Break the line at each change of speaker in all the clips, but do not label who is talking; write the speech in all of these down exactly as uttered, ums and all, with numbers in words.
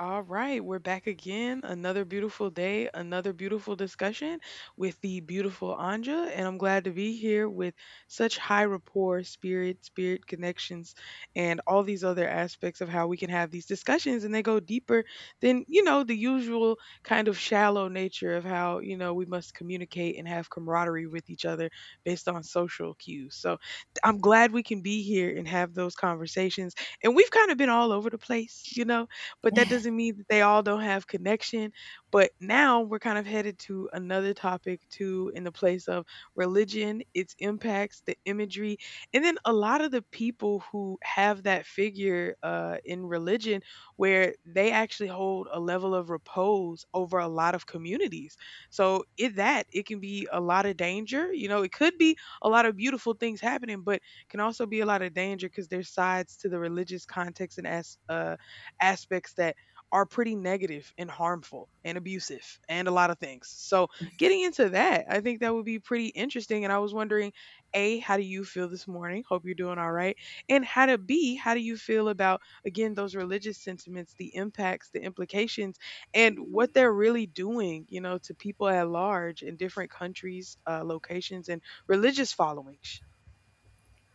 All right, we're back again. Another beautiful day, another beautiful discussion with the beautiful Anja, and I'm glad to be here with such high rapport, spirit, spirit connections, and all these other aspects of how we can have these discussions and they go deeper than, you know, the usual kind of shallow nature of how, you know, we must communicate and have camaraderie with each other based on social cues. So, I'm glad we can be here and have those conversations. And we've kind of been all over the place, you know, but that doesn't mean that they all don't have connection. But now we're kind of headed to another topic too, in the place of religion, its impacts, the imagery, and then a lot of the people who have that figure uh, in religion, where they actually hold a level of repose over a lot of communities. So in that, it can be a lot of danger. You know, it could be a lot of beautiful things happening, but can also be a lot of danger because there's sides to the religious context and as uh, aspects that are pretty negative and harmful and abusive and a lot of things. So, getting into that, I think that would be pretty interesting. And I was wondering, A, how do you feel this morning? Hope you're doing all right. And how to B, how do you feel about, again, those religious sentiments, the impacts, the implications, and what they're really doing, you know, to people at large in different countries, uh, locations, and religious followings?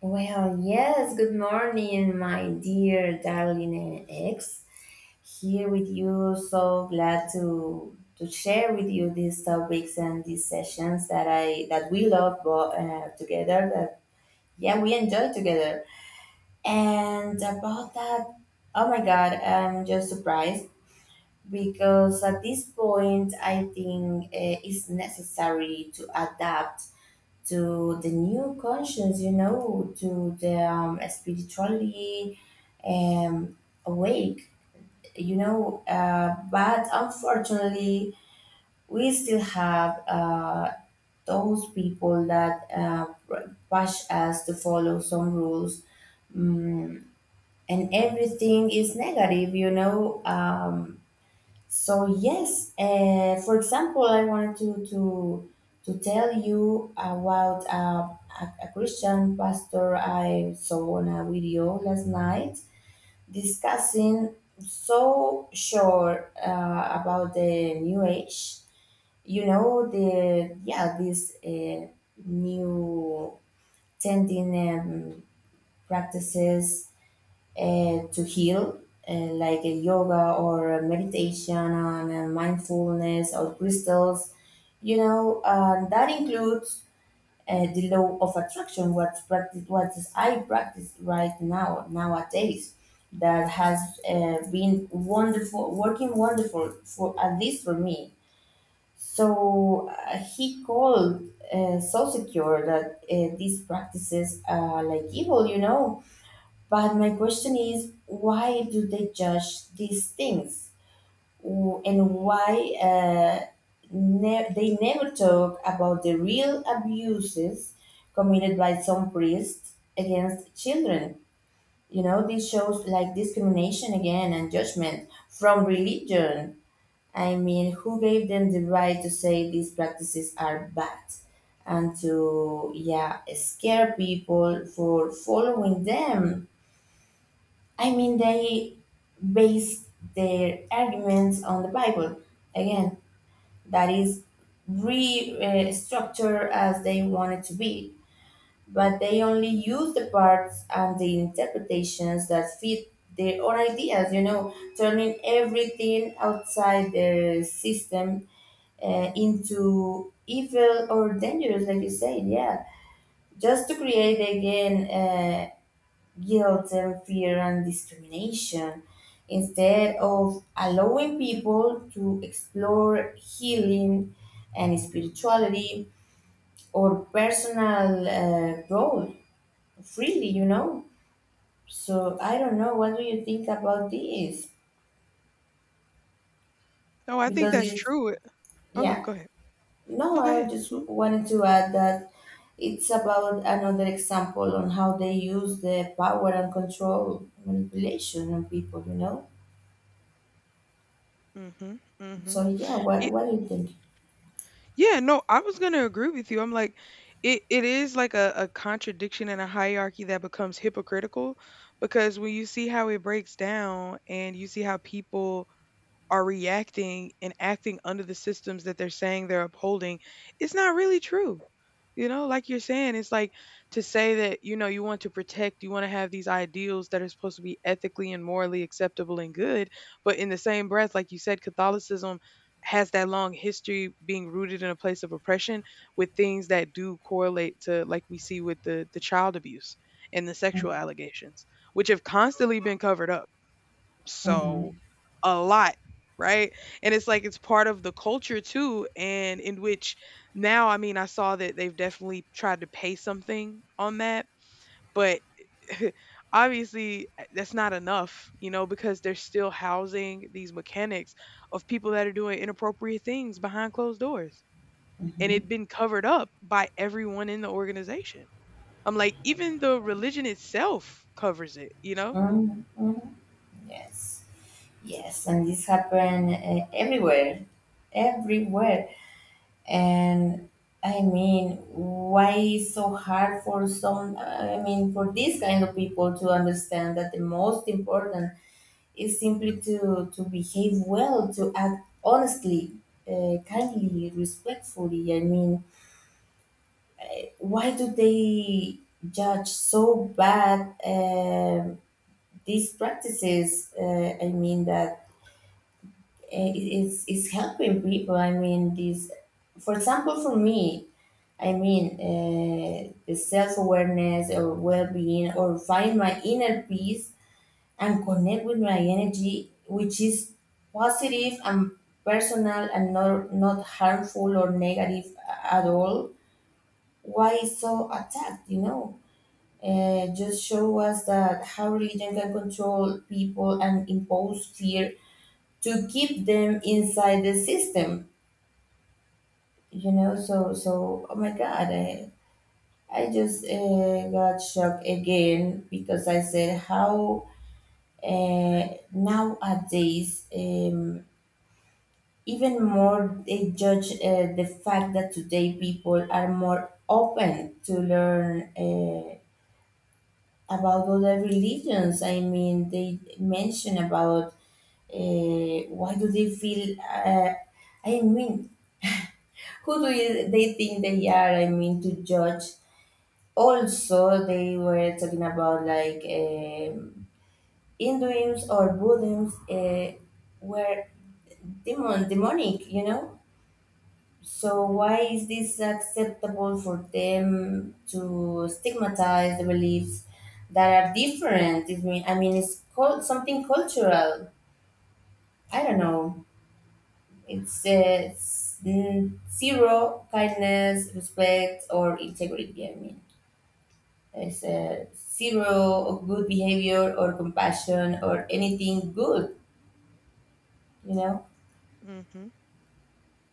Well, yes, good morning, my dear darling ex. Here with you, so glad to to share with you these topics and these sessions that I that we love bo- uh, together. That yeah, we enjoy together. And about that, oh my God, I'm just surprised because at this point, I think uh, it's necessary to adapt to the new conscience, you know, to the um, spiritually um, awake, you know. Uh, but unfortunately, we still have uh, those people that uh, push us to follow some rules. Mm, and everything is negative, you know. Um, so yes, uh, for example, I wanted to to to tell you about uh, a, a Christian pastor I saw on a video last night discussing so sure uh, about the new age. You know the yeah these uh, new tending um, practices uh, to heal, uh, like a yoga or a meditation and uh, mindfulness or crystals. You know, uh, that includes uh, the law of attraction, what practice, what is I practice right now nowadays. That has uh, been wonderful, working wonderful for at least for me. So uh, he called uh, so secure that uh, these practices are like evil, you know, but my question is, why do they judge these things? W- and why uh, ne- they never talk about the real abuses committed by some priests against children? You know, this shows like discrimination again and judgment from religion. I mean, who gave them the right to say these practices are bad and to yeah scare people for following them? I mean, they base their arguments on the Bible. Again, that is restructured as they want it to be, but they only use the parts and the interpretations that fit their own ideas, you know, turning everything outside their system uh, into evil or dangerous, like you said, yeah. Just to create again uh, guilt and fear and discrimination instead of allowing people to explore healing and spirituality or personal uh, growth freely, you know. So I don't know, what do you think about this?
No, I think
Because
that's
this,
true. Oh, yeah,
yeah,
go ahead.
no,
No, go
I
ahead.
just wanted to add that it's about another example on how they use the power and control manipulation on people, you know.
Mm-hmm. Mm-hmm.
So yeah, what what do you think?
Yeah, no, I was gonna agree with you. I'm like, it, it is like a, a contradiction and a hierarchy that becomes hypocritical because when you see how it breaks down and you see how people are reacting and acting under the systems that they're saying they're upholding, it's not really true. You know, like you're saying, it's like to say that, you know, you want to protect, you want to have these ideals that are supposed to be ethically and morally acceptable and good. But in the same breath, like you said, Catholicism has that long history being rooted in a place of oppression with things that do correlate to, like we see with the, the child abuse and the sexual allegations, which have constantly been covered up so
Mm-hmm,
a lot, right? And it's like it's part of the culture too and in which now, I mean, I saw that they've definitely tried to pay something on that, but obviously uh, that's not enough, you know, because they're still housing these mechanics of people that are doing inappropriate things behind closed doors. And
mm-hmm.
it'd been covered up by everyone in the organization. I'm like, even the religion itself covers it, you know?
Mm-hmm. Yes, yes, and this happened uh, everywhere, everywhere. And I mean, why is so hard for some? I mean, for these kind of people to understand that the most important is simply to to behave well, to act honestly, uh, kindly, respectfully. I mean, why do they judge so bad? Um, these practices, uh, I mean, that i- it's, it's helping people, I mean these, for example for me, I mean, uh, the self-awareness or well-being or find my inner peace and connect with my energy, which is positive and personal and not, not harmful or negative at all. Why so attacked, you know? Uh, just show us that how religion can control people and impose fear to keep them inside the system, you know. So so oh my God, i, I just uh, got shocked again because I said how uh, nowadays um, even more they judge uh, the fact that today people are more open to learn uh, about other religions. I mean, they mention about uh, why do they feel, uh, I mean, who do you, they think they are, I mean, to judge. Also, they were talking about like um, hinduism or buddhism uh, were demon demonic, you know. So why
Mhm,
is this acceptable for them to stigmatize the beliefs that are different? I mean, i mean it's called something cultural, I don't know. It's, uh, it's mm, zero kindness, respect, or integrity. I mean, is uh, zero of good behavior or compassion or anything good, you know.
mhm,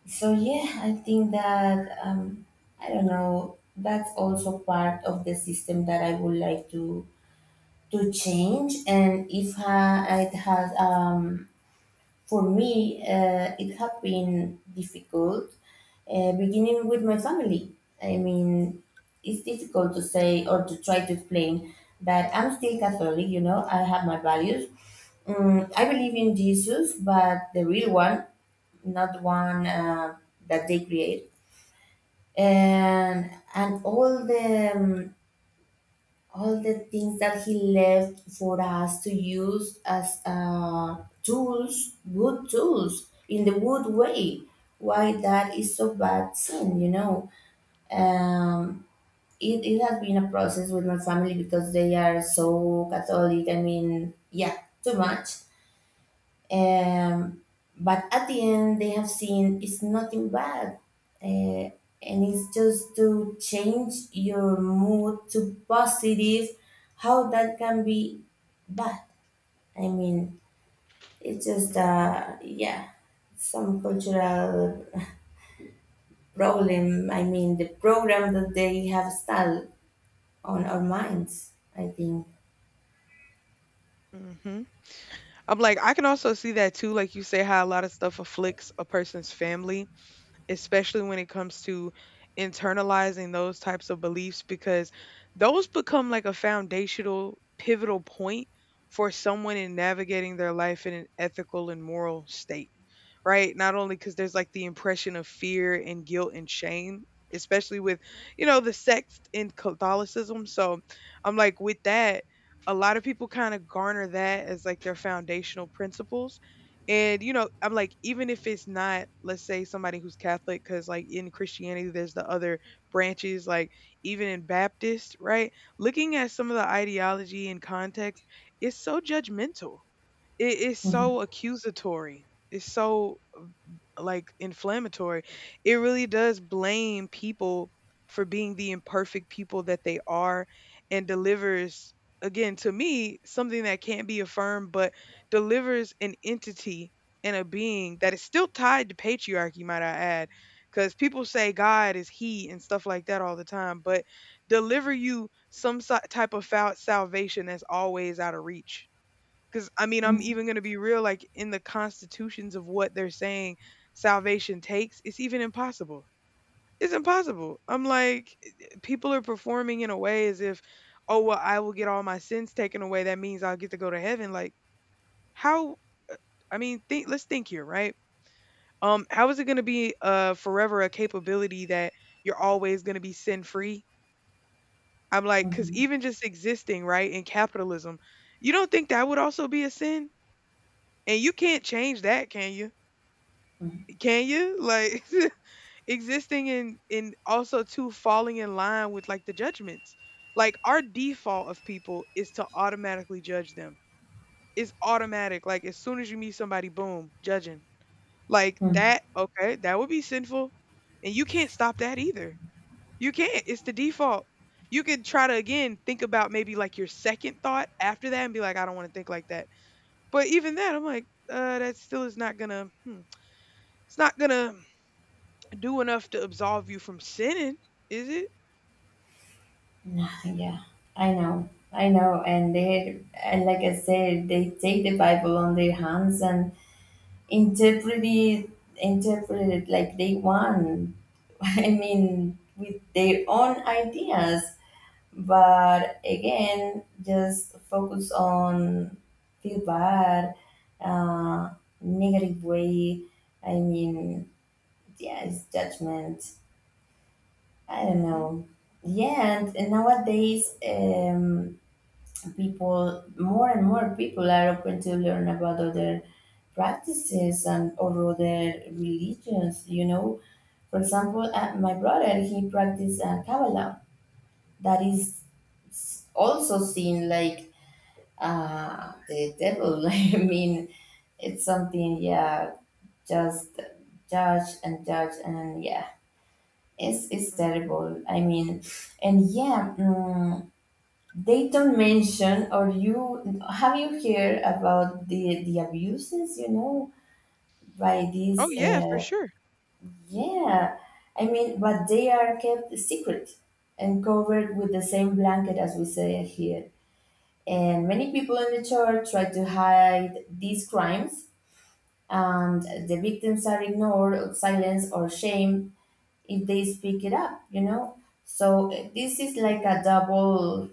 So yeah, I think that um, I don't know. That's also part of the system that I would like to to change. And if I, it has, um, for me, uh, it had been difficult, uh, beginning with my family. I mean, it's difficult to say or to try to explain that I'm still Catholic, you know, I have my values. Um,
mhm,
I believe in Jesus, but the real one, not the one uh, that they create. And, and all the um, all the things that he left for us to use as uh, tools, wood tools, in the wood way. Why that is so bad sin, you know? Um, it, it has been a process with my family because they are so Catholic. I mean, yeah, too much. Um, but at the end, they have seen it's nothing bad. Uh, and it's just to change your mood to positive. How that can be bad? I mean, it's just,
mhm,
uh, yeah, some cultural problem. I mean, the program that they have installed on our minds, I think.
mhm. I'm like, I can also see that too, like you say, how a lot of stuff afflicts a person's family, especially when it comes to internalizing those types of beliefs, because those become like a foundational, pivotal point for someone in navigating their life in an ethical and moral state. Right? Not only because there's, like, the impression of fear and guilt and shame, especially with, you know, the sex in Catholicism, so, I'm like, with that, a lot of people kinda garner that as, like, their foundational principles, and, you know, I'm like, even if it's not, let's say, somebody who's Catholic, because like, in Christianity, there's the other branches, like, even in Baptist, right? Looking at some of the ideology and context, it's so judgmental. It is
Mhm.
so accusatory. It's so like inflammatory, it really does blame people for being the imperfect people that they are and delivers again to me something that can't be affirmed but delivers an entity and a being that is still tied to patriarchy, might I add, cuz people say God is he and stuff like that all the time but deliver you some si- type of fal- salvation that's always out of reach because I mean, I'm
Mhm.
even going to be real, like in the constitutions of what they're saying salvation takes, it's even impossible. It's impossible. I'm like, eh, eh, people are performing in a way as if, oh, well, I will get all my sins taken away. That means I'll get to go to heaven. Like, how? uh, I mean, think, let's think here, right? Um, how is it going to be uh, forever a capability that you're always going to be sin free? I'm like, because
Mhm.
even just existing, right, in capitalism, you don't think that would also be a sin? And you can't change that, can you? Can you? Like, existing in in also too falling in line with like the judgments, like our default of people is to automatically judge them. It's automatic, like as soon as you meet somebody, boom, judging. Like
Mhm.
that, okay, that would be sinful, and you can't stop that either. You can't, it's the default. You could try to again think about maybe like your second thought after that and be like, I don't want to think like that, but even that I'm like, uh that still is not gonna, hmm, it's not gonna do enough to absolve you from sinning, is it?
Nah. Yeah, I know, I know, and they, and like I said, they take the Bible on their hands and interpret it, interpret it like they want. I mean, with their own ideas. But again, just focus on feel bad, uh, negative way. I mean, yeah, it's judgment. I don't
Mhm.
know. Yeah, and, and nowadays, um, people more and more people are open to learn about other practices and or other religions, you know. For example, uh, my brother, he practices uh, kabbalah, that is s- also seen like uh, the devil. I mean, it's something, yeah, just judge and judge and yeah, it's, it's
Mhm.
terrible, I mean. And yeah, mm, they don't mention, or you have you heard about the the abuses? You know, by these,
Oh yeah,
uh,
for sure.
yeah. I mean, but they are kept secret and covered with the same blanket, as we say here. And many people in the church try to hide these crimes, and the victims are ignored, silenced, or shamed if they speak it up. You know, so uh, this is like a
Mhm.
double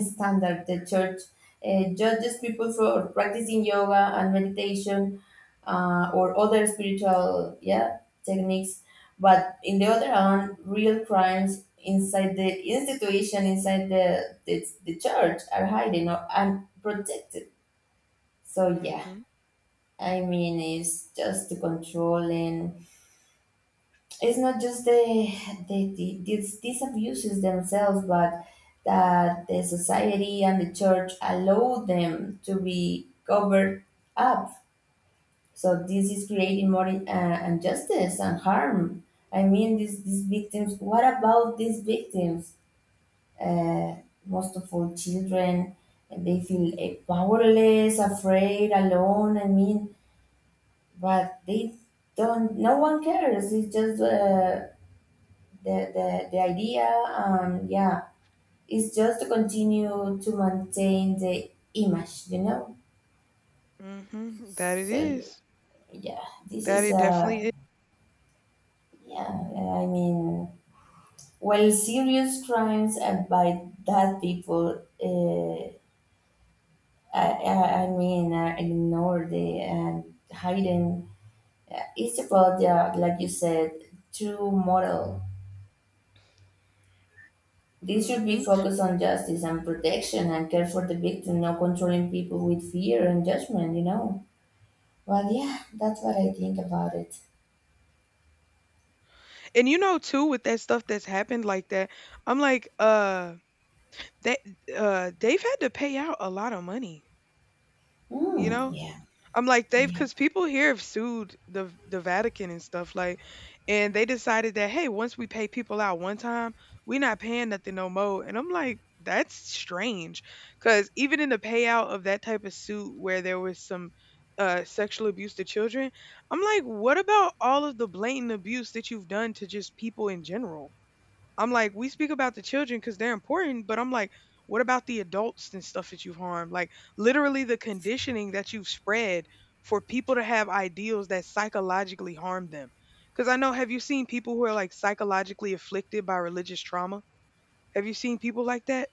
standard. The church uh, judges people for practicing yoga and meditation uh, or other spiritual, yeah, techniques, but in the other hand, real crimes inside the institution, inside the the, the church are hidden or, and protected. So yeah,
Mhm.
I mean, it's just the controlling. It's not just the the, the these, these abuses themselves, but that the society and the church allow them to be covered up. So this is creating more uh, injustice and harm. I mean, these these victims. What about these victims? Uh, most of all, children. And they feel, eh, powerless, afraid, alone. I mean, but they don't. No one cares. It's just, uh, the, the, the idea, um, yeah, is just to continue to maintain the image, you know.
Mhm. That it
So
is.
yeah, this
That
is
it definitely
a,
is.
yeah, I mean, while serious crimes and by that people, uh, I, I I mean, uh, ignore the and hidden, uh, it's about the, like you said, true moral. This should be
Mhm.
focused on justice and protection and care for the victim, not controlling people with fear and judgment, you know. Well, yeah, that's what I think about it.
And you know too with that stuff that's happened like that, I'm like, uh, that uh, they've had to pay out a lot of money, you
Hmm,
know?
yeah,
I'm like, they've,
yeah.
because people here have sued the the Vatican and stuff like, and they decided that, hey, once we pay people out one time, we're not paying nothing no more. And I'm like, that's strange, because even in the payout of that type of suit where there was some uh, sexual abuse to children, I'm like, what about all of the blatant abuse that you've done to just people in general? I'm like, we speak about the children because they're important, but I'm like, what about the adults and stuff that you've harmed? Like, literally, the conditioning that you've spread for people to have ideals that psychologically harm them. Because I know, have you seen people who are like psychologically afflicted by religious trauma? Have you seen people like that?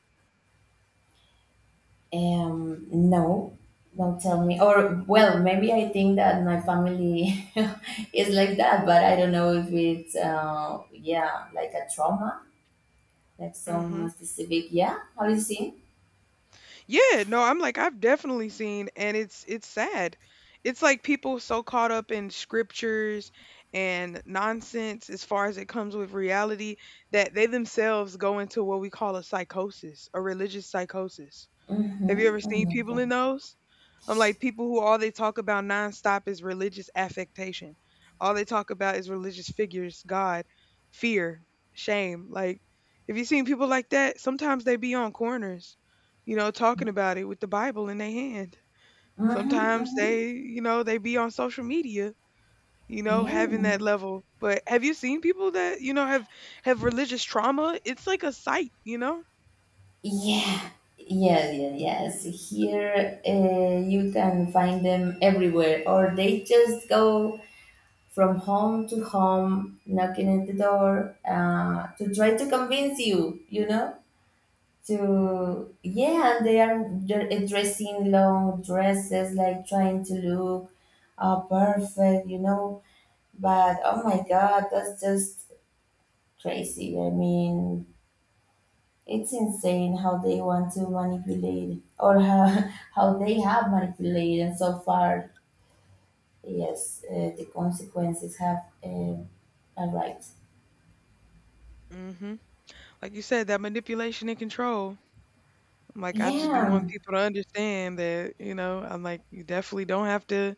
Um, no, don't tell me. Or, well, maybe I think that my family is like that, but I don't know if it's, uh, yeah, like a trauma, like
Hmm.
some specific, yeah, how do you see?
Yeah, no, I'm like, I've definitely seen, and it's it's sad. It's like people so caught up in scriptures and nonsense as far as it comes with reality that they themselves go into what we call a psychosis, a religious psychosis. Have you ever
Mm-hmm, oh
seen
my
people in
God.
those? I'm like, people who all they talk about nonstop is religious affectation. All they talk about is religious figures, God, fear, shame. Like, if you seen people like that, sometimes they be on corners, you know, talking about it with the Bible in their hand.
Mm-hmm,
Sometimes
mm-hmm.
they, you know, they be on social media, you know,
Yeah,
having that level. But have you seen people that, you know, have have religious trauma? It's like a sight, you know?
yeah, yeah, yeah, yes. Here, uh, you can find them everywhere, or they just go from home to home, knocking at the door, uh, to try to convince you, you know.
Mhm.
To yeah, and they are they're dressing long dresses, like trying to look uh, perfect, you know. But oh my God, that's just crazy. I mean, it's insane how they want to manipulate or how, how they have manipulated, and so far, yes, uh, the consequences have uh, arrived.
Mhm. Like you said, that manipulation and control. I'm like, I just be wanting
Yeah,
people to understand that, you know, I'm like, you definitely don't have to,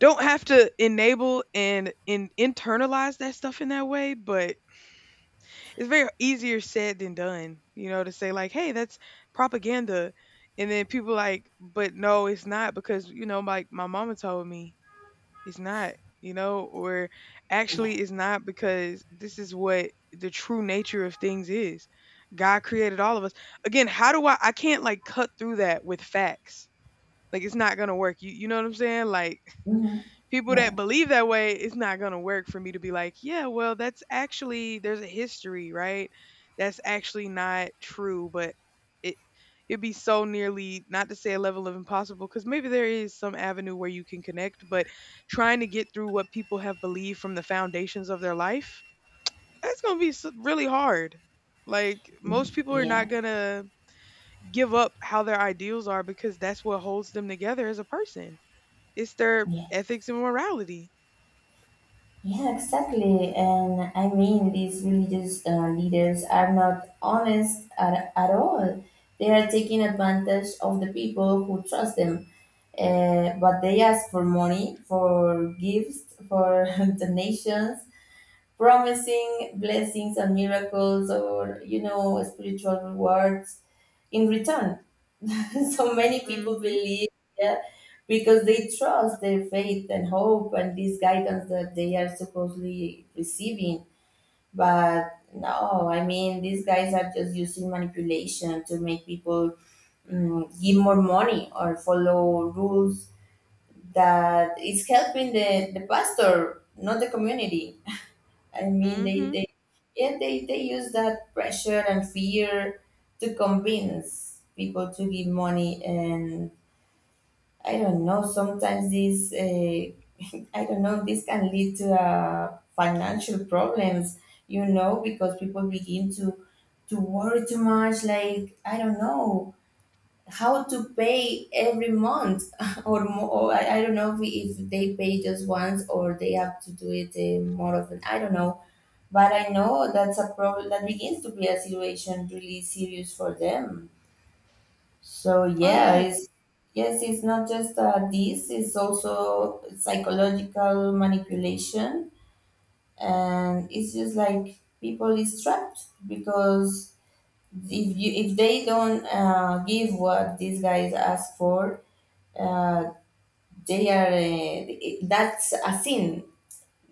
don't have to enable and and internalize that stuff in that way, but it's very easier said than done, you know, to say like, hey, that's propaganda. And then people like, but no, it's not because, you know, like my mama told me it's not, you know, or
yeah,
actually it's not because this is what the true nature of things is. God created all of us. Again, how do I I can't like cut through that with facts. Like it's not going to work. You you know what I'm saying? Like
mhm,
people
yeah,
that believe that way, it's not going to work for me to be like, yeah, well, that's actually there's a history, right? That's actually not true, but it it'd be so nearly not to say a level of impossible because maybe there is some avenue where you can connect, but trying to get through what people have believed from the foundations of their life, that's going to be s- really hard. Like most
mhm,
people are
yeah,
not going to give up how their ideals are because that's what holds them together as a person. It's their
yeah,
ethics and morality.
yeah, exactly. And I mean, these religious uh, leaders are not honest at, at all. They are taking advantage of the people who trust them. Uh, but they ask for money, for gifts, for donations, promising blessings and miracles or, you know, spiritual rewards in return. So many people
Mhm.
believe, yeah, because they trust their faith and hope and this guidance that they are supposedly receiving. But no, I mean, these guys are just using manipulation to make people, mm, give more money or follow rules that it's helping the, the pastor, not the community. I mean, they,
Mhm.
they, yeah, they, they use that pressure and fear to convince people to give money. And I don't know, sometimes this, uh, I don't know, this can lead to uh, financial problems, you know, because people begin to, to worry too much. Like, I don't know, how to pay every month or more. Or I, I don't know if, we, if they pay just once or they have to do it uh, more often. I don't know, but I know that's a problem that begins to be a situation really serious for them. So
Oh,
yeah,
yeah.
it's yes, it's not just uh, this, it's also psychological manipulation. And it's just like people is trapped because if you if they don't uh, give what these guys ask for, uh, they are uh, that's a sin,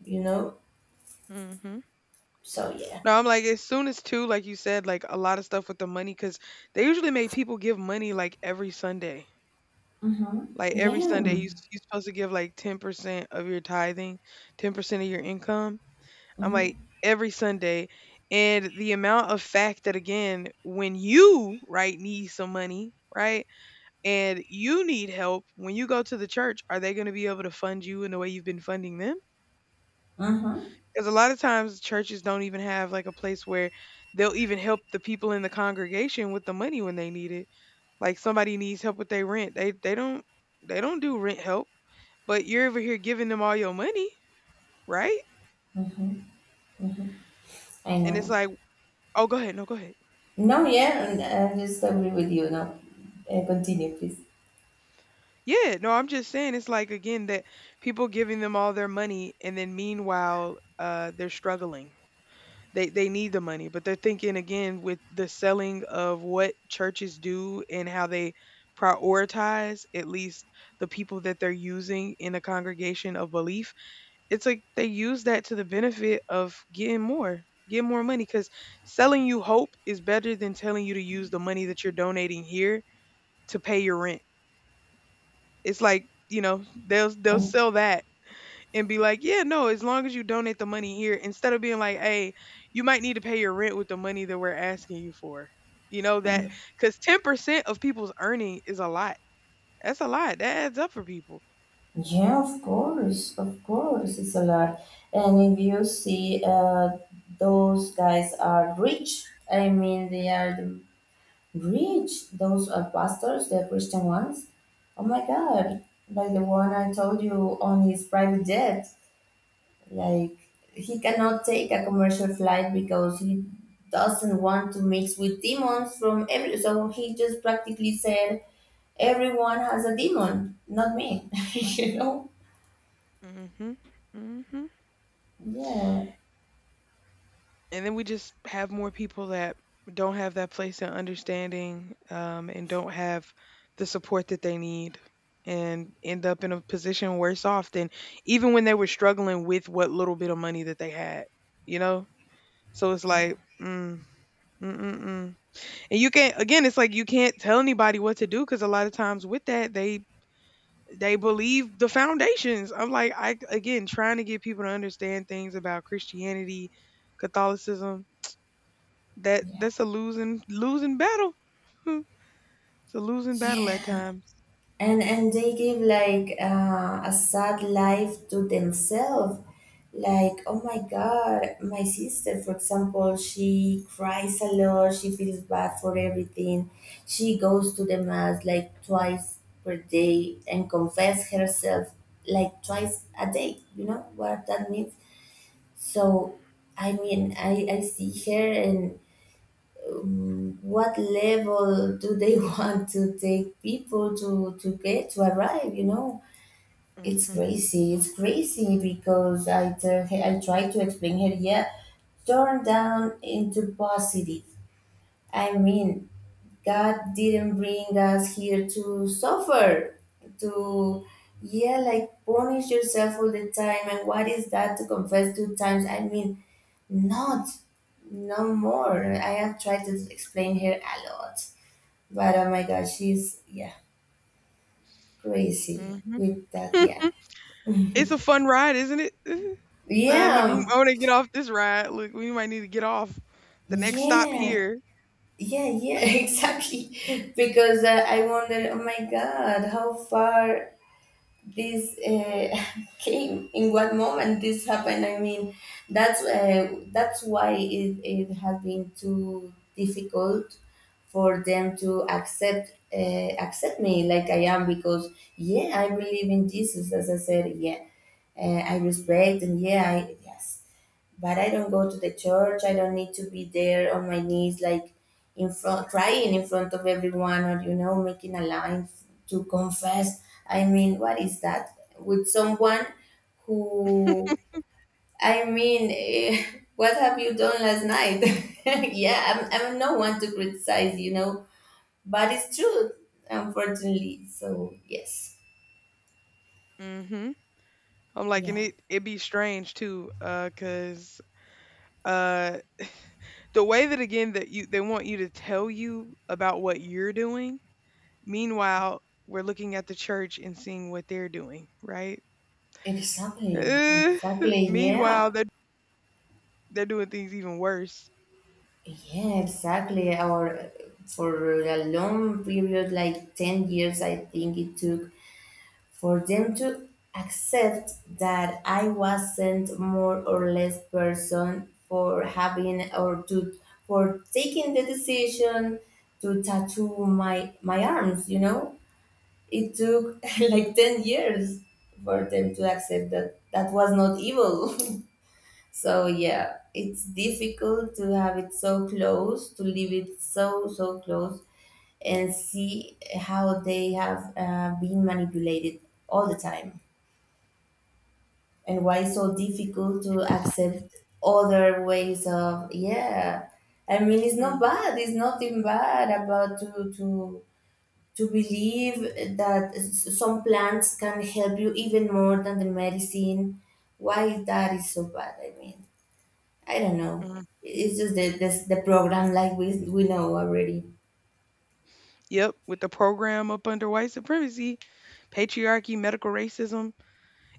you know?
Mhm.
So yeah.
No, I'm like, as soon as too, like you said, like a lot of stuff with the money, cause they usually make people give money like every Sunday.
Mm-hmm.
Like every Sunday, you
Yeah.
s- you supposed to give like ten percent of your tithing, ten percent of your income. I'm like,
Mm-hmm.
every Sunday. And the amount of fact that again, when you, right, need some money, right? And you need help, when you go to the church, are they going to be able to fund you in the way you've been funding them?
Mm-hmm.
Because a lot of times churches don't even have like a place where they'll even help the people in the congregation with the money when they need it. Like somebody needs help with their rent. They they don't they don't do rent help, but you're over here giving them all your money, right?
Mm-hmm. Mm-hmm. I
And it's
know.
like, oh, go ahead, no, go ahead.
No, yeah, and I just agree with you. No, uh, continue please.
Yeah, no, I'm just saying it's like again that people giving them all their money and then meanwhile uh they're struggling. They they need the money, but they're thinking again with the selling of what churches do and how they prioritize at least the people that they're using in a congregation of belief. It's like they use that to the benefit of getting more, get more money cuz selling you hope is better than telling you to use the money that you're donating here to pay your rent. It's like, you know, they'll they'll sell that and be like, yeah, no, as long as you donate the money here, instead of being like, hey, you might need to pay your rent with the money that we're asking you for. You know, that
Mhm.
because ten percent of people's earning is a lot. That's a lot. That adds up for people.
Yeah, of course, of course it's a lot. And if you see, uh, those guys are rich. I mean, they are the rich, those are pastors, the Christian ones. Oh my god, like the one I told you on his private jet. Like, he cannot take a commercial flight because he doesn't want to mix with demons from every. So he just practically said, everyone has a demon, not me. You know?
Hmm. Hmm.
Yeah,
And then we just have more people that don't have that place in understanding, um, and don't have the support that they need and end up in a position worse off than even when they were struggling with what little bit of money that they had, you know? So it's
yeah,
like, mm, mm, mm, mm. And you can't again, it's like you can't tell anybody what to do because a lot of times with that they they believe the foundations. I'm like, I again trying to get people to understand things about Christianity, Catholicism. That
yeah,
that's a losing losing battle. It's a losing battle at
yeah.
times.
and and they give like uh, a sad life to themselves. Like, oh my god, my sister for example, she cries a lot, she feels bad for everything. She goes to the mass like twice per day and confess herself, like twice a day. You know what that means? So, I mean, i i see her and what level do they want to take people to to get to arrive, you know? It's
Mhm,
crazy, it's crazy because I tell her, I try to explain her, yeah, turn down into positive. I mean, god didn't bring us here to suffer, to yeah, like punish yourself all the time. And what is that to confess two times? I mean, not, no more. I have tried to explain her a lot, but oh my god, she's yeah, crazy
mhm.
with that. Yeah,
It's a fun ride, isn't it? The
yeah,
look. we,
um,
I want to get off this ride. Look, we might need to get off the next stop
yeah,
here.
yeah, yeah. Exactly, because uh, I wonder. Oh my god, how far? This uh, came in what moment this happened. I mean, that's uh, that's why it, it has been too difficult for them to accept uh, accept me like I am. Because yeah, I believe in Jesus, as I said, yeah, uh, I
Mhm.
respect, and yeah, I yes, but I don't go to the church. I don't need to be there on my knees, like in front, crying in front of everyone, or you know, making a line f- to confess. I mean, what is that with someone who? I mean, eh, what have you done last night? Yeah, I'm, I'm no one to criticize, you know, but it's true, unfortunately. So yes,
Mhm. I'm like, and
yeah,
it it be strange too, uh, cause uh, the way that again that you they want you to tell you about what you're doing. Meanwhile, we're looking at the church and seeing what they're doing, right?
exactly, exactly, yeah.
Meanwhile, they're they're doing things even worse.
Yeah, exactly. Or for a long period, like ten years, I think it took for them to accept that I wasn't more or less person for having or to for taking the decision to tattoo my my arms, you know? It took like ten years for them to accept that that was not evil. So yeah, it's difficult to have it so close, to leave it so so close, and see how they have uh, been manipulated all the time, and why it's so difficult to accept other ways of yeah. I mean, it's not
Mm,
bad. It's nothing bad about to to to believe that s- some plants can help you even more than the medicine. Why that is so bad? I mean. I don't know.
mhm.
It's just the this the program, like we we know already.
Yep, with the program up under white supremacy, patriarchy, medical racism,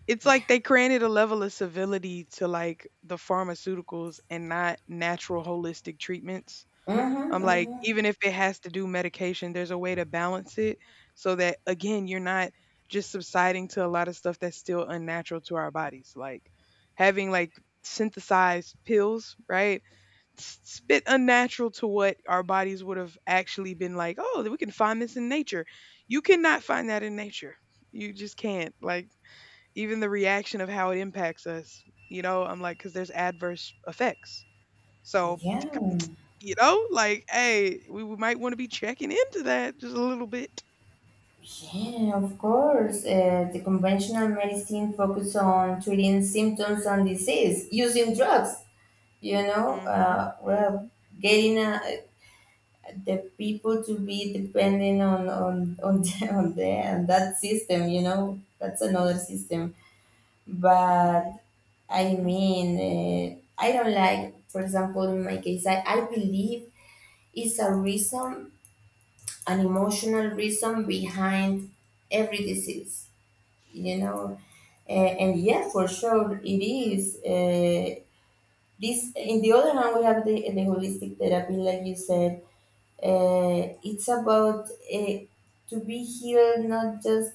it's
Yeah.
like they granted a level of civility to like the pharmaceuticals and not natural holistic treatments.
Mm-hmm,
I'm like,
mm-hmm.
even if it has to do medication, there's a way to balance it so that again, you're not just subsiding to a lot of stuff that's still unnatural to our bodies. Like having like synthesized pills, right? It's a bit unnatural to what our bodies would have actually been like. Oh, we can find this in nature, you cannot find that in nature, you just can't. Like even the reaction of how it impacts us, you know, I'm like, because there's adverse effects, so
Yeah,
you know, like, hey, we we might want to be checking into that just a little bit.
yeah, of course. Uh, the conventional medicine focuses on treating symptoms and disease using drugs. You know,
Mm-hmm,
uh,
mm-hmm,
well, getting uh, the people to be dependent on on on the, on the and that system. You know, that's another system. But
mm-hmm,
I
mm-hmm,
mean, uh, I don't like, for example, in my case, I, I believe it's a reason, an emotional reason behind every disease, you know. Uh, and yeah, for sure, it is. Uh, this, in the other hand, we have the, the holistic therapy, like you said. Uh, it's about uh, to be healed, not just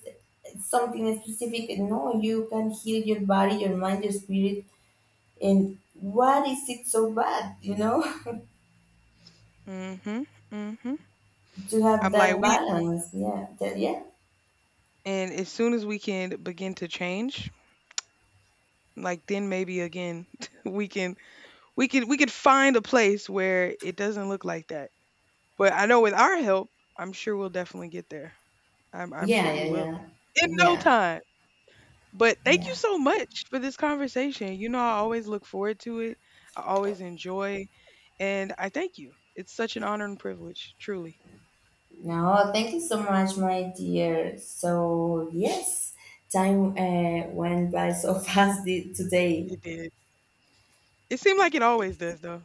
something specific. No, you can heal your body, your mind, your spirit. And what is it so bad, you know,
mm-hmm. Mm-hmm.
to have
i'm like
that
we
balance? Yeah, that, yeah,
and as soon as we can begin to change, like then maybe again we can. We could we could find a place where it doesn't look like that. But I know with our help, I'm sure we'll definitely get there. I'm I'm sure
yeah, yeah,
we will.
yeah,
In no
yeah,
time. But thank you
yeah,
so much for this conversation. You know I always look forward to it. I always enjoy and I thank you. It's such an honor and privilege, truly.
No, thank you so much, my dear. So yes, time uh, went by so fast the- today.
It did. It seemed like it always does though.